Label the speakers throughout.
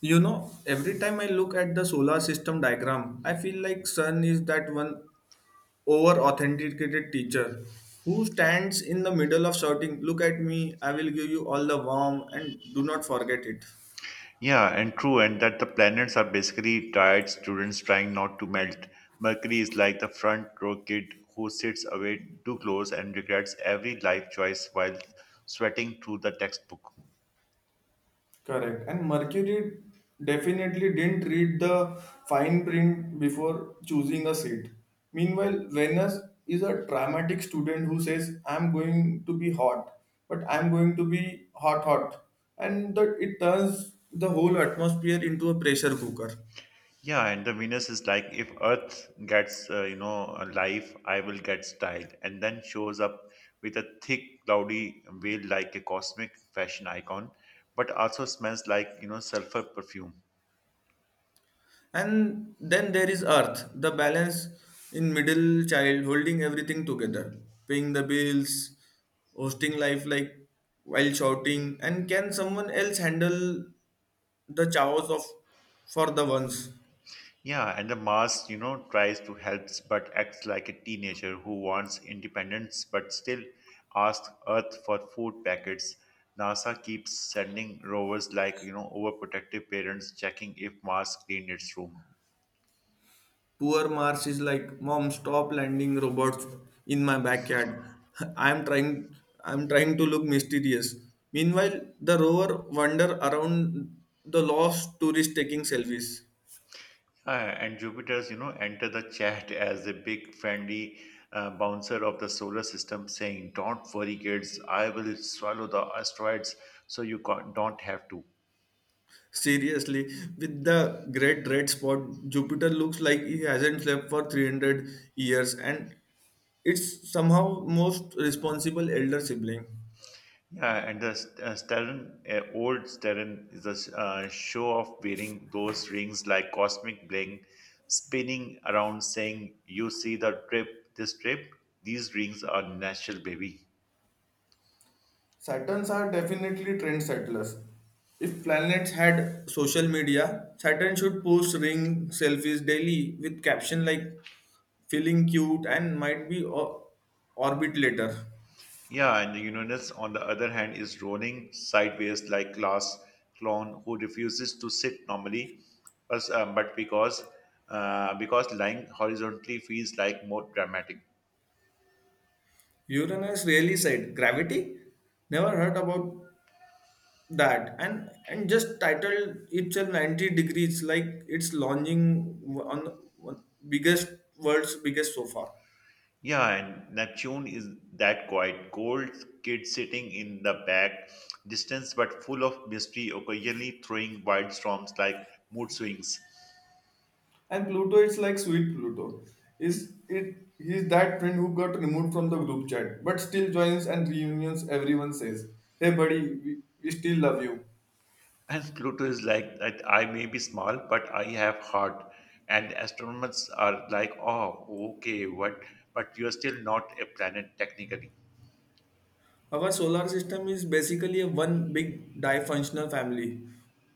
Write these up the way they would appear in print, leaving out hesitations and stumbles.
Speaker 1: You know, every time I look at the solar system diagram, I feel like sun is that one over authenticated teacher who stands in the middle of shouting, "Look at me, I will give you all the warm and do not forget it."
Speaker 2: Yeah, and true, and that the planets are basically tired students trying not to melt. Mercury is like the front row kid who sits away too close and regrets every life choice while sweating through the textbook.
Speaker 1: Correct. And Mercury definitely didn't read the fine print before choosing a seat. Meanwhile, Venus is a dramatic student who says, I'm going to be hot, but I'm going to be hot, hot. And that it turns the whole atmosphere into a pressure cooker.
Speaker 2: Yeah, and the Venus is like if Earth gets a life, I will get style, and then shows up with a thick cloudy veil like a cosmic fashion icon, but also smells like sulfur perfume.
Speaker 1: And then there is Earth, the balance in middle child holding everything together, paying the bills, hosting life like while shouting, and can someone else handle the chaos of for the ones?
Speaker 2: Yeah, and the mask, tries to help but acts like a teenager who wants independence but still asks Earth for food packets. NASA keeps sending rovers like, overprotective parents checking if Mars cleaned its room.
Speaker 1: Poor Mars is like, Mom, stop landing robots in my backyard. I'm trying I'm trying to look mysterious. Meanwhile, the rover wander around the lost tourist taking selfies.
Speaker 2: Yeah, and Jupiter's, enter the chat as a big friendly bouncer of the solar system saying, don't worry, kids, I will swallow the asteroids so you can't, don't have to.
Speaker 1: Seriously, with the great red spot, Jupiter looks like he hasn't slept for 300 years and it's somehow most responsible elder sibling.
Speaker 2: Yeah, and the Stern, old Stern is a show of wearing those rings like cosmic bling, spinning around saying, you see the trip, this trip? These rings are natural, baby.
Speaker 1: Saturns are definitely trend settlers. If planets had social media, Saturn should post ring selfies daily with caption like feeling cute and might be orbit later.
Speaker 2: Yeah, and Uranus, on the other hand, is rolling sideways like class clown who refuses to sit normally, but because lying horizontally feels like more dramatic.
Speaker 1: Uranus really said, Gravity? Never heard about that and just titled it's a 90 degrees like it's launching on the one- biggest world's biggest so far.
Speaker 2: Yeah, and Neptune is that quiet, cold kid sitting in the back, distance but full of mystery, occasionally throwing wild storms like mood swings.
Speaker 1: And Pluto is like sweet Pluto. Is it he's that friend who got removed from the group chat, but still joins and reunions everyone says, Hey buddy, we, we still love you.
Speaker 2: And Pluto is like that I may be small, but I have heart. And astronomers are like, oh, okay, what? But you're still not a planet technically.
Speaker 1: Our solar system is basically a one big difunctional family,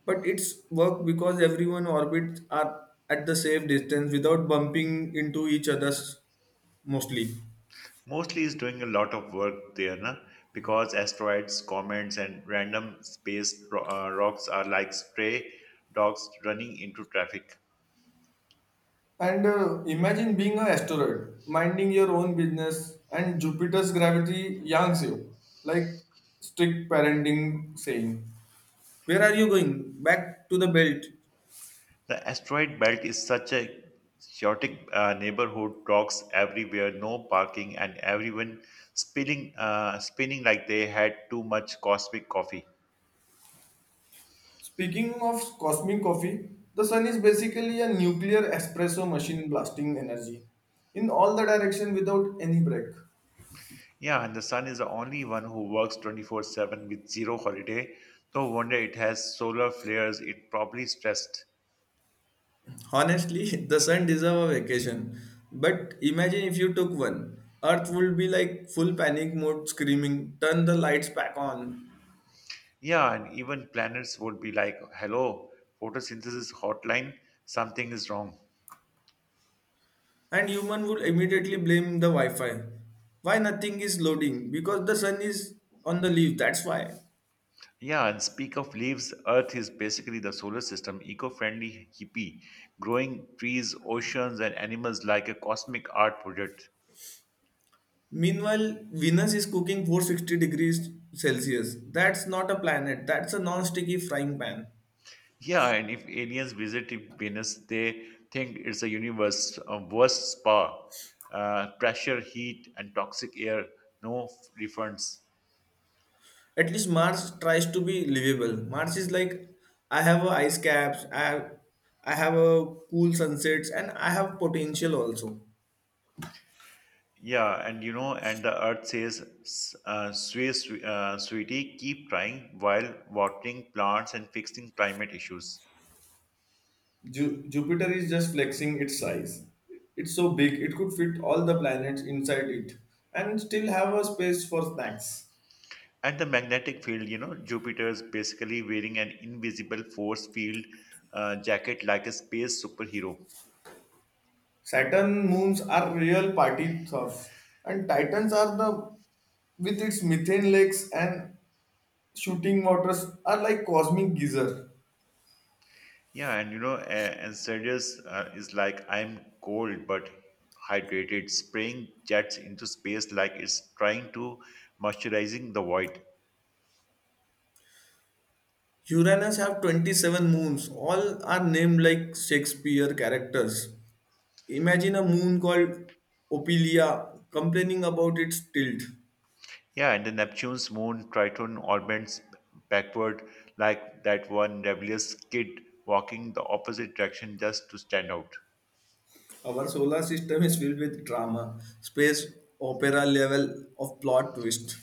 Speaker 1: but it's work because everyone orbits are at the safe distance without bumping into each other's mostly.
Speaker 2: Mostly is doing a lot of work there, na? Because asteroids, comets, and random space rocks are like stray dogs running into traffic.
Speaker 1: And imagine being an asteroid, minding your own business, and Jupiter's gravity yanks you, like strict parenting saying. Where are you going? Back to the belt.
Speaker 2: The asteroid belt is such a chaotic neighborhood, rocks everywhere, no parking, and everyone spinning like they had too much cosmic coffee.
Speaker 1: Speaking of cosmic coffee, the sun is basically a nuclear espresso machine blasting energy in all the direction without any break.
Speaker 2: Yeah, and the sun is the only one who works 24/7 with zero holiday. No wonder it has solar flares, it probably stressed.
Speaker 1: Honestly, the sun deserves a vacation. But imagine if you took one. Earth would be like full panic mode screaming, turn the lights back on.
Speaker 2: Yeah, and even planets would be like, hello, photosynthesis hotline, something is wrong.
Speaker 1: And human would immediately blame the Wi-Fi. Why nothing is loading? Because the sun is on the leaf, that's why.
Speaker 2: Yeah, and speak of leaves, Earth is basically the solar system, eco friendly hippie, growing trees, oceans, and animals like a cosmic art project.
Speaker 1: Meanwhile, Venus is cooking 460 degrees Celsius. That's not a planet, that's a non sticky frying pan.
Speaker 2: Yeah, and if aliens visit Venus, they think it's a universe, a worst spa, pressure, heat, and toxic air, no refunds.
Speaker 1: At least Mars tries to be livable. Mars is like, I have a ice caps, I have a cool sunsets, and I have potential also.
Speaker 2: Yeah, and and the earth says, sweetie, keep trying while watering plants and fixing climate issues.
Speaker 1: Jupiter is just flexing its size. It's so big, it could fit all the planets inside it and still have a space for snacks.
Speaker 2: And the magnetic field, Jupiter's basically wearing an invisible force field jacket like a space superhero.
Speaker 1: Saturn moons are real party thugs, and Titans are the with its methane lakes and shooting waters are like cosmic geyser.
Speaker 2: Yeah, and and Sirius is like I'm cold but hydrated, spraying jets into space like it's trying to moisturizing the void.
Speaker 1: Uranus have 27 moons, all are named like Shakespeare characters. Imagine a moon called Opilia complaining about its tilt.
Speaker 2: Yeah and the neptune's moon Triton orbits backward like that one rebellious kid walking the opposite direction just to stand out.
Speaker 1: Our solar system is filled with drama, space opera level of plot twist.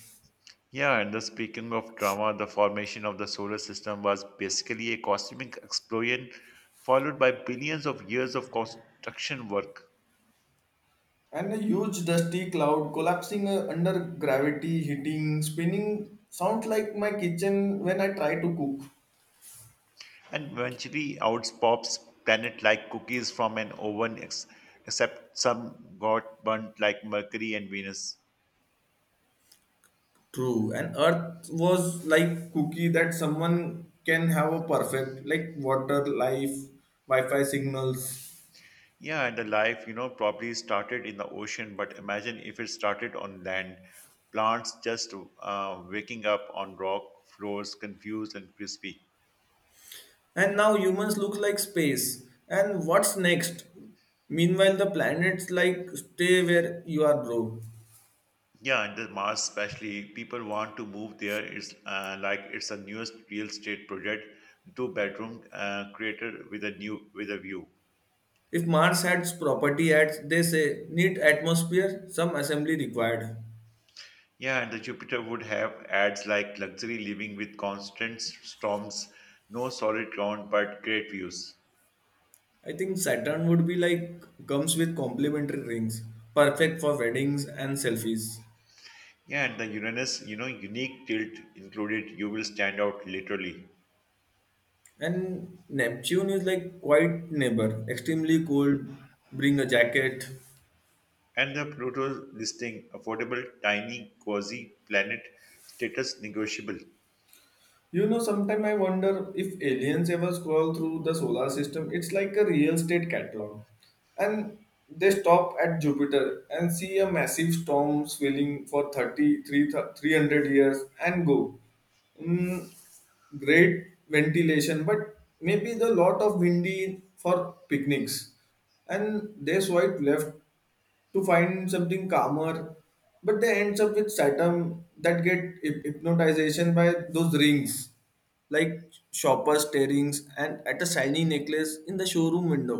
Speaker 2: Yeah, and the speaking of drama, the formation of the solar system was basically a cosmic explosion followed by billions of years of construction work.
Speaker 1: And a huge dusty cloud collapsing under gravity, hitting, spinning sounds like my kitchen when I try to cook.
Speaker 2: And eventually out pops planet like cookies from an oven, except some got burnt like Mercury and Venus.
Speaker 1: True, and earth was like cookie that someone can have a perfect, like water, life, Wi-Fi signals.
Speaker 2: Yeah, and the life, probably started in the ocean, but imagine if it started on land. Plants just waking up on rock floors, confused and crispy.
Speaker 1: And now humans look like space. And what's next? Meanwhile, the planets like stay where you are, bro.
Speaker 2: Yeah, and the Mars especially, people want to move there. It's like it's a newest real estate project, two bedroom created with a new with a view.
Speaker 1: If Mars had property ads, they say need atmosphere, some assembly required.
Speaker 2: Yeah, and the Jupiter would have ads like luxury living with constant storms, no solid ground but great views.
Speaker 1: I think Saturn would be like comes with complimentary rings, perfect for weddings and selfies.
Speaker 2: Yeah, and the Uranus, unique tilt included, you will stand out literally.
Speaker 1: And Neptune is like quite neighbor, extremely cold, bring a jacket.
Speaker 2: And the Pluto listing, affordable, tiny, cozy planet, status negotiable.
Speaker 1: You know, sometimes I wonder if aliens ever scroll through the solar system, it's like a real estate catalog. And they stop at Jupiter and see a massive storm swelling for 30, 300 years and go. Mm, great ventilation, but maybe the lot of windy for picnics. And there's white left to find something calmer, but they ends up with Saturn that get hypnotization by those rings, like shopper staring and at a shiny necklace in the showroom window.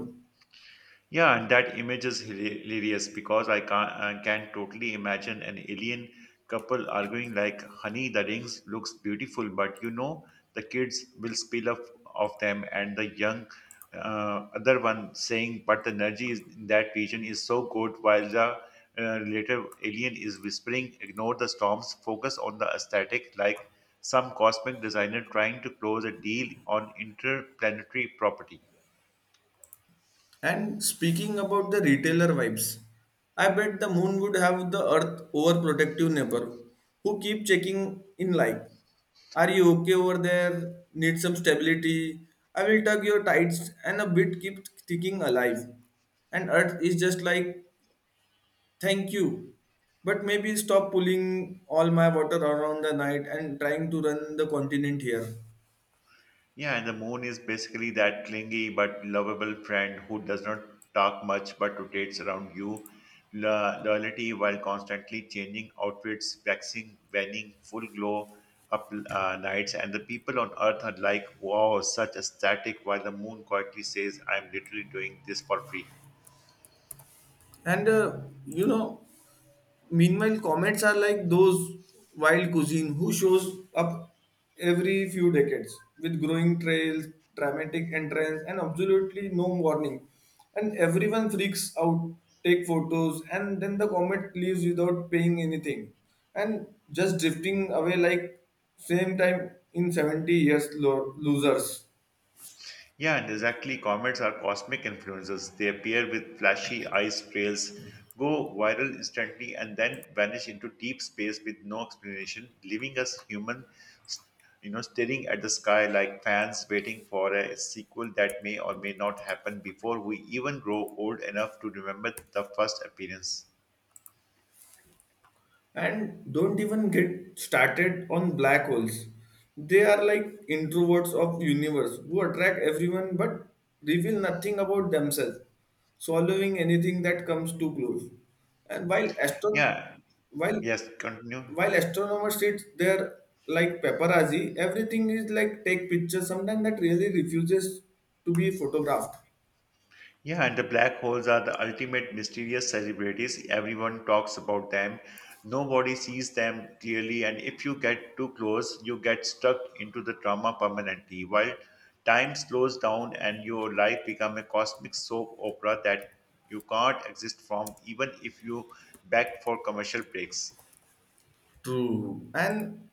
Speaker 2: Yeah, and that image is hilarious because I can totally imagine an alien couple arguing like, honey, the rings looks beautiful, but the kids will spill off of them, and the young other one saying, but the energy is, in that region is so good, while the later alien is whispering, ignore the storms, focus on the aesthetic, like some cosmic designer trying to close a deal on interplanetary property.
Speaker 1: And speaking about the retailer vibes, I bet the moon would have the earth overprotective neighbor who keep checking in like, are you okay over there? Need some stability? I will tug your tights and a bit keep ticking alive. And earth is just like, thank you. But maybe stop pulling all my water around the night and trying to run the continent here.
Speaker 2: Yeah, and the moon is basically that clingy but lovable friend who does not talk much but rotates around you. Loyalty while constantly changing outfits, waxing, waning, full glow up nights. And the people on earth are like, wow, such aesthetic, while the moon quietly says, I'm literally doing this for free.
Speaker 1: And you know, meanwhile, comets are like those wild cuisine who shows up every few decades with growing trails, dramatic entrance, and absolutely no warning. And everyone freaks out, take photos, and then the comet leaves without paying anything, and just drifting away like same time in 70 years losers.
Speaker 2: Yeah, and exactly. Comets are cosmic influencers. They appear with flashy ice trails, go viral instantly, and then vanish into deep space with no explanation, leaving us human, st- staring at the sky like fans waiting for a sequel that may or may not happen before we even grow old enough to remember the first appearance.
Speaker 1: And don't even get started on black holes. They are like introverts of universe who attract everyone but reveal nothing about themselves, swallowing anything that comes too close. And
Speaker 2: Yeah.
Speaker 1: while
Speaker 2: Yes. Continue.
Speaker 1: while astronomers sit there like paparazzi, everything is like take pictures, sometimes that really refuses to be photographed.
Speaker 2: Yeah, and the black holes are the ultimate mysterious celebrities. Everyone talks about them. Nobody sees them clearly, and if you get too close, you get stuck into the trauma permanently. While time slows down and your life becomes a cosmic soap opera that you can't exist from, even if you beg for commercial breaks.
Speaker 1: True. And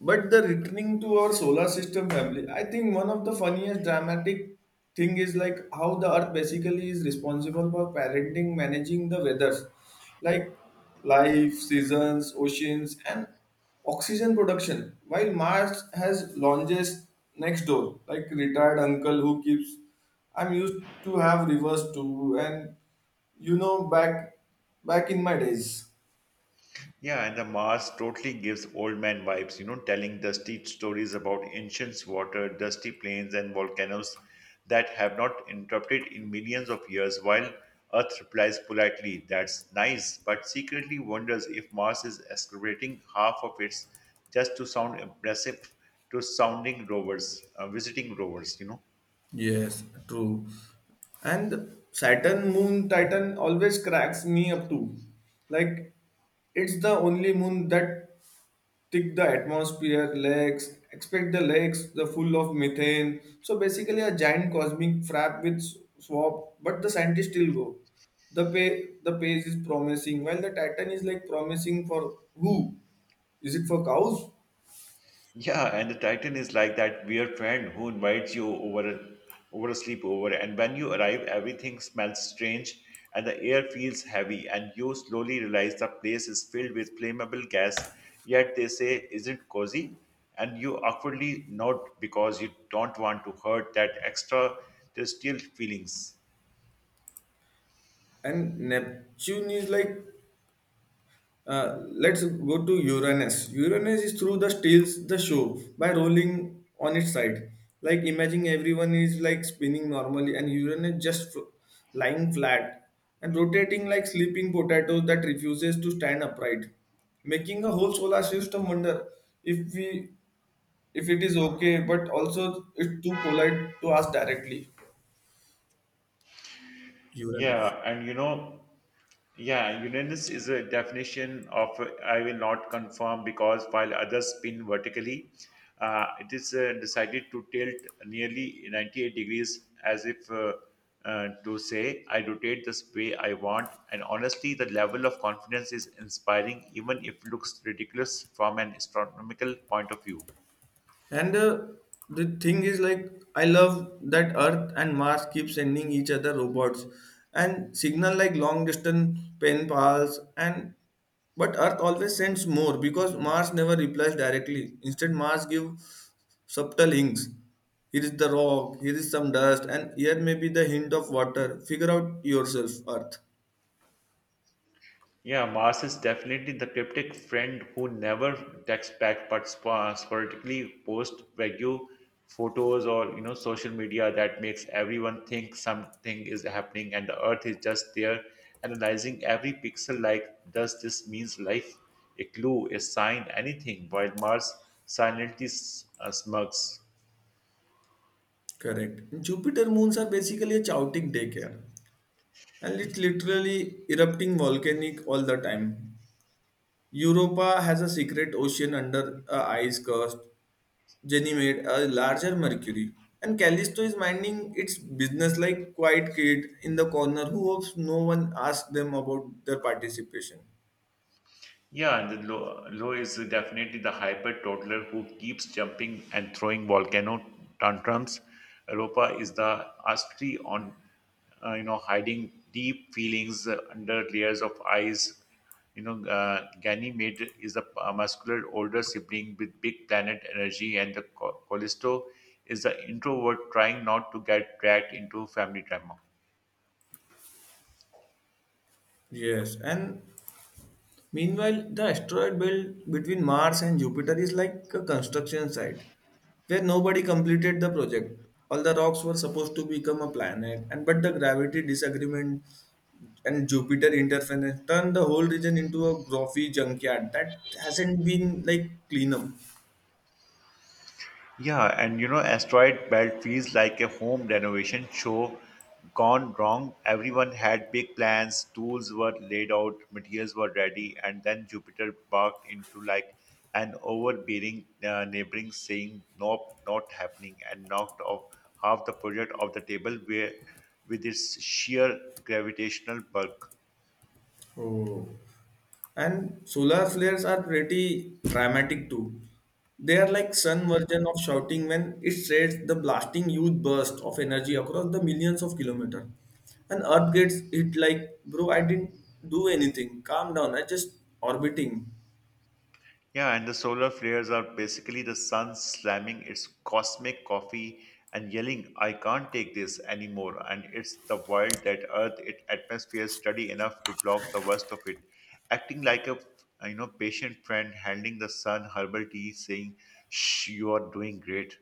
Speaker 1: but the returning to our solar system family, I think one of the funniest dramatic thing is like how the earth basically is responsible for parenting, managing the weathers, like life, seasons, oceans, and oxygen production. While Mars has lounges next door, like retired uncle who keeps. I'm used to have rivers too, and you know back in my days.
Speaker 2: Yeah, and the mask totally gives old man vibes, telling dusty stories about ancient water, dusty plains, and volcanoes that have not interrupted in millions of years, while Earth replies politely, that's nice, but secretly wonders if Mars is excavating half of its just to sound impressive to sounding rovers, visiting rovers,
Speaker 1: Yes, true. And Saturn moon Titan always cracks me up too. Like it's the only moon that thick the atmosphere, legs, expect the legs, the full of methane. So basically a giant cosmic frap with swap, but the scientists still go. The pace is promising, while the Titan is like promising for who? Is it for cows?
Speaker 2: Yeah, and the Titan is like that weird friend who invites you over a sleepover, and when you arrive, everything smells strange and the air feels heavy, and you slowly realize the place is filled with flammable gas. Yet they say isn't cozy, and you awkwardly nod because you don't want to hurt that extra terrestrial feelings.
Speaker 1: And Neptune is like uh, let's go to Uranus. Uranus is through the steals the show by rolling on its side. Like imagine everyone is like spinning normally and Uranus just lying flat and rotating like sleeping potato that refuses to stand upright, making a whole solar system wonder if we if it is okay, but also it's too polite to ask directly. Uranus.
Speaker 2: Yeah, and you know. Yeah, unanimous is a definition of I will not conform because while others spin vertically, it is decided to tilt nearly 98 degrees as if to say, I rotate this way I want. And honestly, the level of confidence is inspiring, even if looks ridiculous from an astronomical point of view.
Speaker 1: And the thing is, like, I love that Earth and Mars keep sending each other robots and signal like long distance pen pals and but Earth always sends more because Mars never replies directly. Instead, Mars give subtle hints. Here is the rock, here is some dust, and here may be the hint of water. Figure out yourself, Earth.
Speaker 2: Yeah, Mars is definitely the cryptic friend who never texts back but sporadically posts vague photos or social media that makes everyone think something is happening and the Earth is just there analyzing every pixel like does this means life, a clue, a sign, anything, while Mars silently smirks.
Speaker 1: Correct. Jupiter moons are basically a chaotic daycare. And it's literally erupting volcanic all the time. Europa has a secret ocean under a ice crust, Ganymede, a larger Mercury, and Callisto is minding its business like quiet kid in the corner who hopes no one asks them about their participation.
Speaker 2: Yeah, and the Lo is definitely the hyper toddler who keeps jumping and throwing volcano tantrums. Europa is the astri on, hiding deep feelings under layers of ice. Ganymede is the muscular older sibling with big planet energy, and the Callisto is the introvert trying not to get dragged into family drama.
Speaker 1: Yes, and meanwhile, the asteroid belt between Mars and Jupiter is like a construction site where nobody completed the project. All the rocks were supposed to become a planet, and but the gravity disagreement and Jupiter interference turned the whole region into a grotty junkyard that hasn't been like clean up.
Speaker 2: Yeah, and Asteroid Belt feels like a home renovation show gone wrong. Everyone had big plans, tools were laid out, materials were ready, and then Jupiter barked into like an overbearing neighboring saying, nope, not happening, and knocked off half the project off the table where, with its sheer gravitational bulk.
Speaker 1: Oh. And solar flares are pretty dramatic too. They are like sun version of shouting when it sheds the blasting huge burst of energy across the millions of kilometers. And Earth gets hit like, bro, I didn't do anything. Calm down, I just orbiting.
Speaker 2: Yeah, and the solar flares are basically the sun slamming its cosmic coffee and yelling, I can't take this anymore. And it's the wild that Earth its atmosphere is steady enough to block the worst of it, acting like a patient friend handing the sun herbal tea, saying, shh, you are doing great.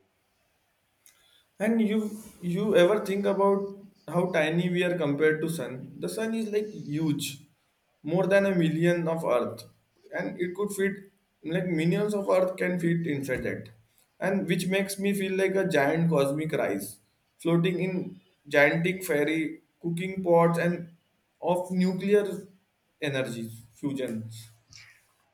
Speaker 1: And you ever think about how tiny we are compared to sun? The sun is like huge, more than a million of Earth, and it could fit like millions of Earth can fit inside it, and which makes me feel like a giant cosmic rice floating in gigantic fairy cooking pots and of nuclear energy fusions.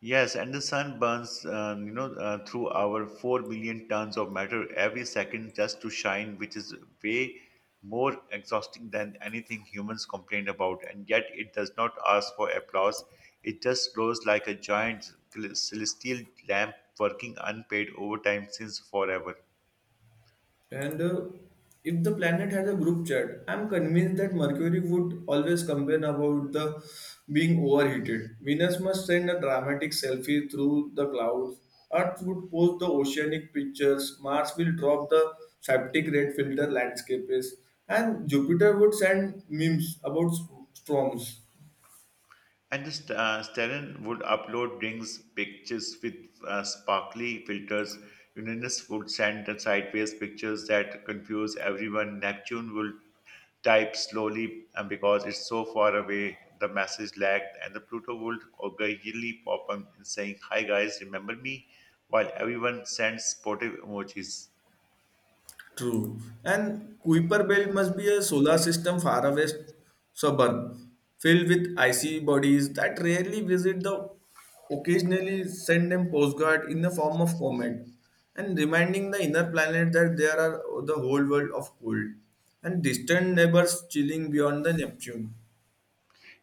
Speaker 2: Yes, and the sun burns, through our 4 million tons of matter every second just to shine, which is way more exhausting than anything humans complain about. And yet, it does not ask for applause. It just glows like a giant celestial lamp working unpaid overtime since forever.
Speaker 1: And if the planet has a group chat, I'm convinced that Mercury would always complain about the being overheated. Venus must send a dramatic selfie through the clouds. Earth would post the oceanic pictures. Mars will drop the septic red filter landscapes, and Jupiter would send memes about storms.
Speaker 2: And just Stellan would upload drinks pictures with sparkly filters. Uranus would send the sideways pictures that confuse everyone. Neptune would type slowly and because it's so far away the message lagged and the Pluto would occasionally pop up and saying hi guys remember me while everyone sends supportive emojis.
Speaker 1: True. And Kuiper Belt must be a solar system far away suburb, filled with icy bodies that rarely visit the occasionally send them postcard in the form of comment and reminding the inner planet that there are the whole world of cold and distant neighbors chilling beyond the Neptune.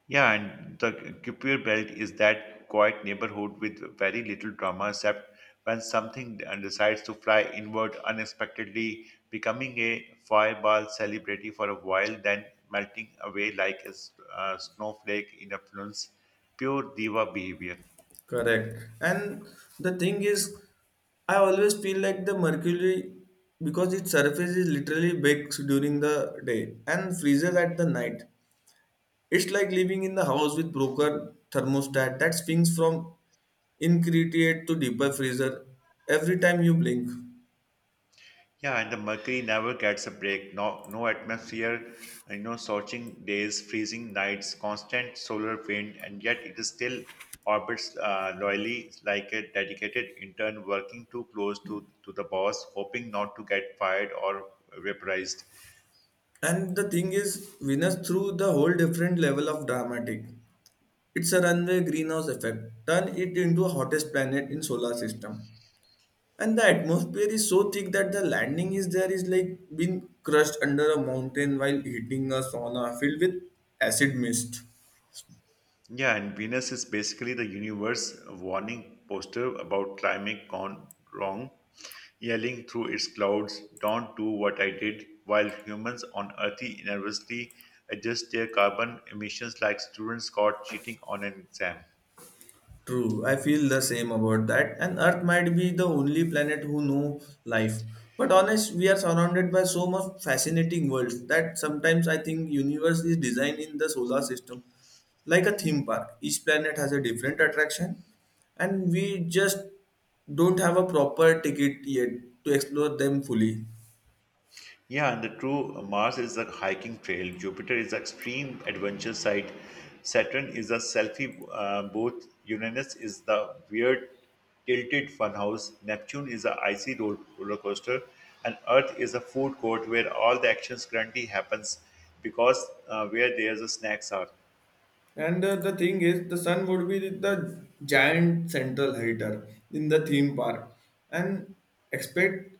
Speaker 2: Yeah, and the Kuiper Belt is that quiet neighborhood with very little drama except when something decides to fly inward unexpectedly, becoming a fireball celebrity for a while, then melting away like a snowflake in a fluence. Pure diva behavior.
Speaker 1: Correct. And the thing is, I always feel like the mercury because its surface is literally bakes during the day and freezes at the night. It's like living in the house with broken thermostat that swings from incretate to deeper freezer every time you blink.
Speaker 2: Yeah, and the mercury never gets a break. No, no atmosphere, scorching days, freezing nights, constant solar wind, and yet it is still orbits loyally like a dedicated intern working too close to the boss, hoping not to get fired or vaporized.
Speaker 1: And the thing is, Venus through the whole different level of dramatic. It's a runway greenhouse effect. Turn it into a hottest planet in solar system. And the atmosphere is so thick that there is like being crushed under a mountain while hitting a sauna filled with acid mist.
Speaker 2: Yeah, and Venus is basically the universe warning poster about climate gone wrong, yelling through its clouds, "Don't do what I did," while humans on Earth nervously adjust their carbon emissions like students caught cheating on an exam.
Speaker 1: True, I feel the same about that. And earth might be the only planet who know life, but honest, we are surrounded by so much fascinating worlds that sometimes I think universe is designed in the solar system like a theme park. Each planet has a different attraction, and we just don't have a proper ticket yet to explore them fully.
Speaker 2: Yeah, and the true Mars is a hiking trail, Jupiter is an extreme adventure site, Saturn is a selfie booth, Uranus is the weird tilted funhouse, Neptune is a icy roller coaster, and Earth is a food court where all the actions currently happens because where there's the snacks are.
Speaker 1: And the thing is, the sun would be the giant central heater in the theme park, and expect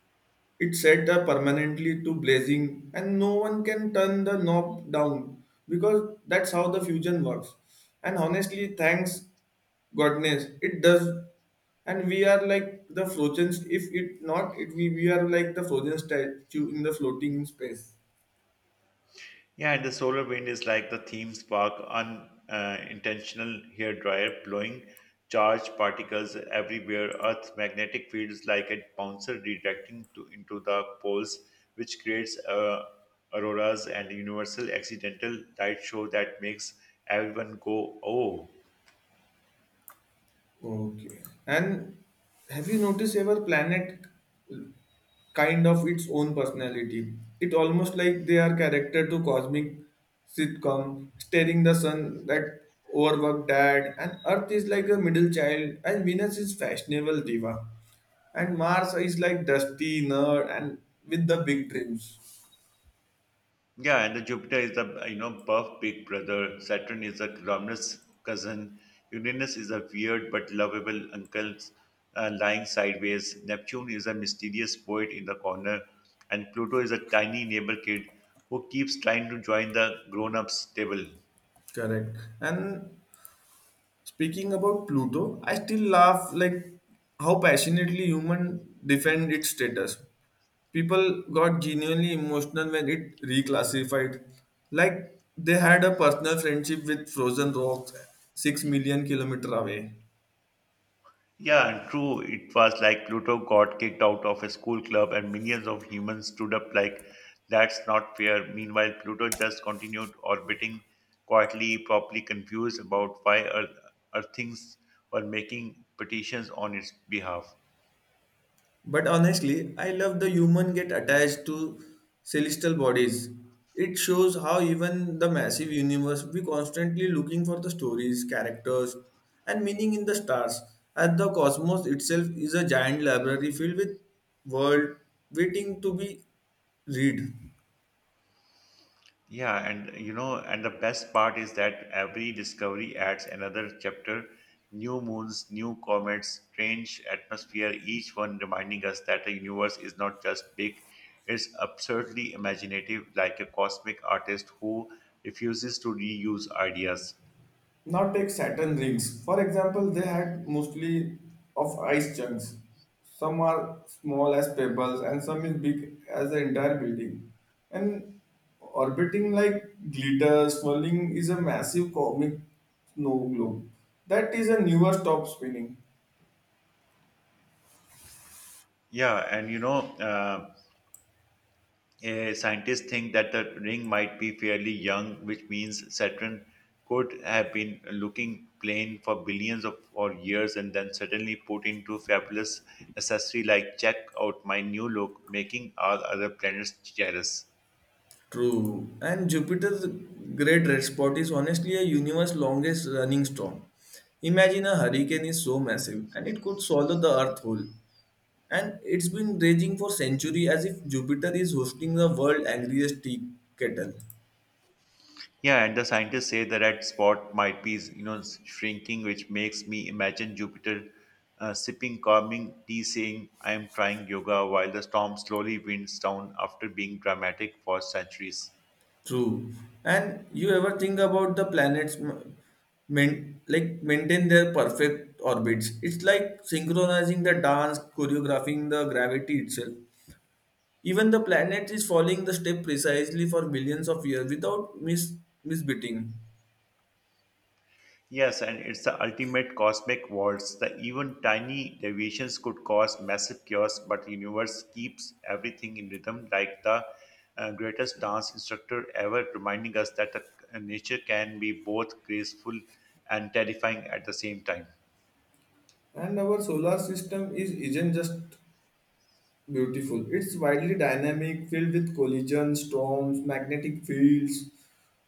Speaker 1: it set up permanently to blazing, and no one can turn the knob down because that's how the fusion works. And honestly, thanks goodness, it does. And we are like the frozen, if it not, we are like the frozen statue in the floating space.
Speaker 2: Yeah, and the solar wind is like the theme spark, unintentional hair dryer, blowing charged particles everywhere. Earth's magnetic field is like a bouncer redirecting into the poles, which creates auroras and universal accidental light show that makes everyone go, oh.
Speaker 1: Okay. And have you noticed ever planet kind of its own personality. It almost like they are character to cosmic sitcom, staring the sun that overworked dad, and Earth is like a middle child, and Venus is fashionable diva, and Mars is like dusty nerd and with the big dreams.
Speaker 2: Yeah, and the Jupiter is the you know buff big brother. Saturn is a gluttonous cousin. Uranus is a weird but lovable uncle lying sideways. Neptune is a mysterious poet in the corner, and Pluto is a tiny neighbor kid who keeps trying to join the grown-ups table.
Speaker 1: Correct. And speaking about Pluto, I still laugh like how passionately human defend its status. People got genuinely emotional when it reclassified, like they had a personal friendship with frozen rocks 6 million kilometer away.
Speaker 2: Yeah, true. It was like Pluto got kicked out of a school club and millions of humans stood up like, that's not fair. Meanwhile, Pluto just continued orbiting quietly, probably confused about why Earthings were making petitions on its behalf.
Speaker 1: But honestly, I love the human get attached to celestial bodies. It shows how even the massive universe, we constantly looking for the stories, characters, and meaning in the stars. And the cosmos itself is a giant library filled with world waiting to be read.
Speaker 2: Yeah, and you know, and the best part is that every discovery adds another chapter, new moons, new comets, strange atmosphere, each one reminding us that the universe is not just big, it's absurdly imaginative, like a cosmic artist who refuses to reuse ideas.
Speaker 1: Not take Saturn rings. For example, they had mostly of ice chunks. Some are small as pebbles and some is big as the entire building. And orbiting like glitter, swirling is a massive cosmic snow globe. That is a newer stop spinning.
Speaker 2: Yeah, and you know, scientists think that the ring might be fairly young, which means Saturn could have been looking plain for billions of or years and then suddenly put into fabulous accessory like check out my new look, making all other planets jealous.
Speaker 1: True. And Jupiter's great red spot is honestly a universe longest running storm. Imagine a hurricane is so massive and it could swallow the earth whole. And it's been raging for centuries as if Jupiter is hosting the world angriest tea kettle.
Speaker 2: Yeah, and the scientists say the red spot might be, you know, shrinking, which makes me imagine Jupiter sipping calming tea, saying, "I am trying yoga," while the storm slowly winds down after being dramatic for centuries.
Speaker 1: True. And you ever think about the planets main, like maintain their perfect orbits? It's like synchronizing the dance, choreographing the gravity itself. Even the planet is following the step precisely for millions of years without misbeating.
Speaker 2: Yes, and it's the ultimate cosmic waltz. The even tiny deviations could cause massive chaos, but the universe keeps everything in rhythm, like the greatest dance instructor ever, reminding us that nature can be both graceful and terrifying at the same time.
Speaker 1: And our solar system is isn't just beautiful. It's widely dynamic, filled with collisions, storms, magnetic fields,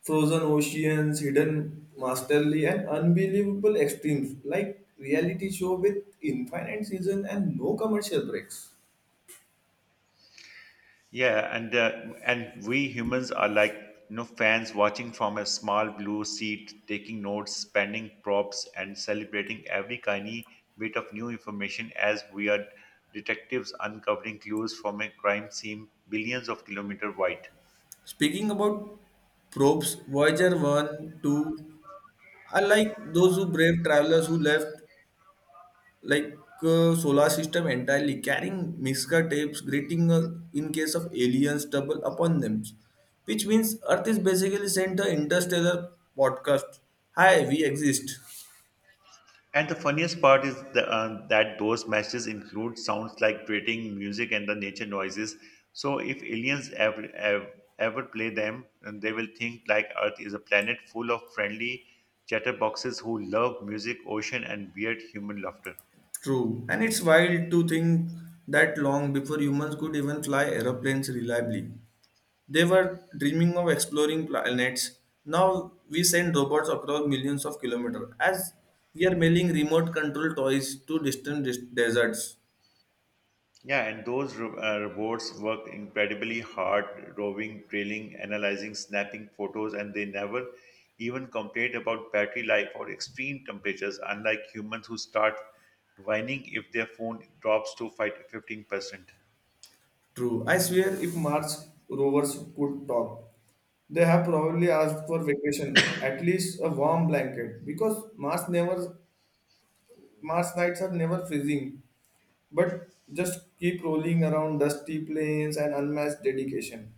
Speaker 1: frozen oceans, hidden masterly, and unbelievable extremes like reality show with infinite season and no commercial breaks.
Speaker 2: Yeah, and we humans are like you know fans watching from a small blue seat, taking notes, spending props, and celebrating every tiny bit of new information as we are detectives uncovering clues from a crime scene billions of kilometers wide.
Speaker 1: Speaking about probes, Voyager 1, 2 are like those who brave travelers who left like solar system entirely, carrying Miska tapes greeting in case of aliens double upon them, which means earth is basically sent a interstellar podcast, hi we exist.
Speaker 2: And the funniest part is that those matches include sounds like grating music and the nature noises. So if aliens ever play them, then they will think like Earth is a planet full of friendly chatterboxes who love music, ocean, and weird human laughter.
Speaker 1: True, and it's wild to think that long before humans could even fly aeroplanes reliably, they were dreaming of exploring planets. Now we send robots across millions of kilometers as we are mailing remote control toys to distant deserts.
Speaker 2: Yeah, and those robots work incredibly hard, roving, drilling, analyzing, snapping photos, and they never even complain about battery life or extreme temperatures, unlike humans who start whining if their phone drops to 5-15%.
Speaker 1: True. I swear if Mars rovers could talk, they have probably asked for vacation, at least a warm blanket, because Mars never, Mars nights are never freezing, but just keep rolling around dusty plains and unmatched dedication.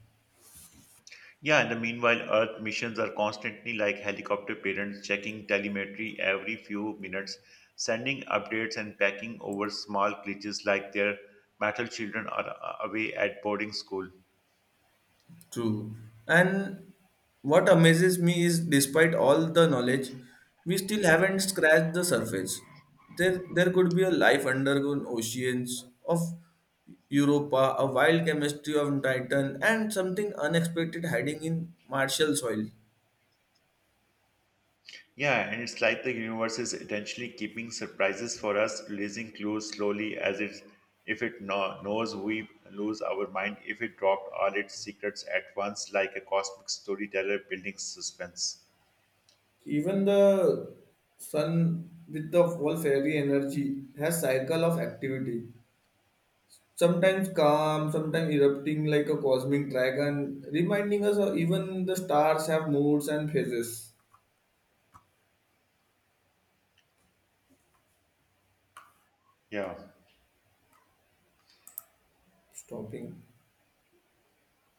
Speaker 2: Yeah, and the meanwhile, Earth missions are constantly like helicopter parents checking telemetry every few minutes, sending updates and packing over small glitches like their metal children are away at boarding school.
Speaker 1: True. And what amazes me is despite all the knowledge, we still haven't scratched the surface. There could be a life underground oceans of Europa, a wild chemistry of Titan, and something unexpected hiding in Martial soil.
Speaker 2: Yeah, and it's like the universe is intentionally keeping surprises for us, releasing clues slowly as it, if it knows we lose our mind if it dropped all its secrets at once like a cosmic storyteller building suspense.
Speaker 1: Even the sun with the whole fairy energy has cycle of activity. Sometimes calm, sometimes erupting like a cosmic dragon, reminding us of even the stars have moods and phases.
Speaker 2: Yeah.
Speaker 1: Stopping.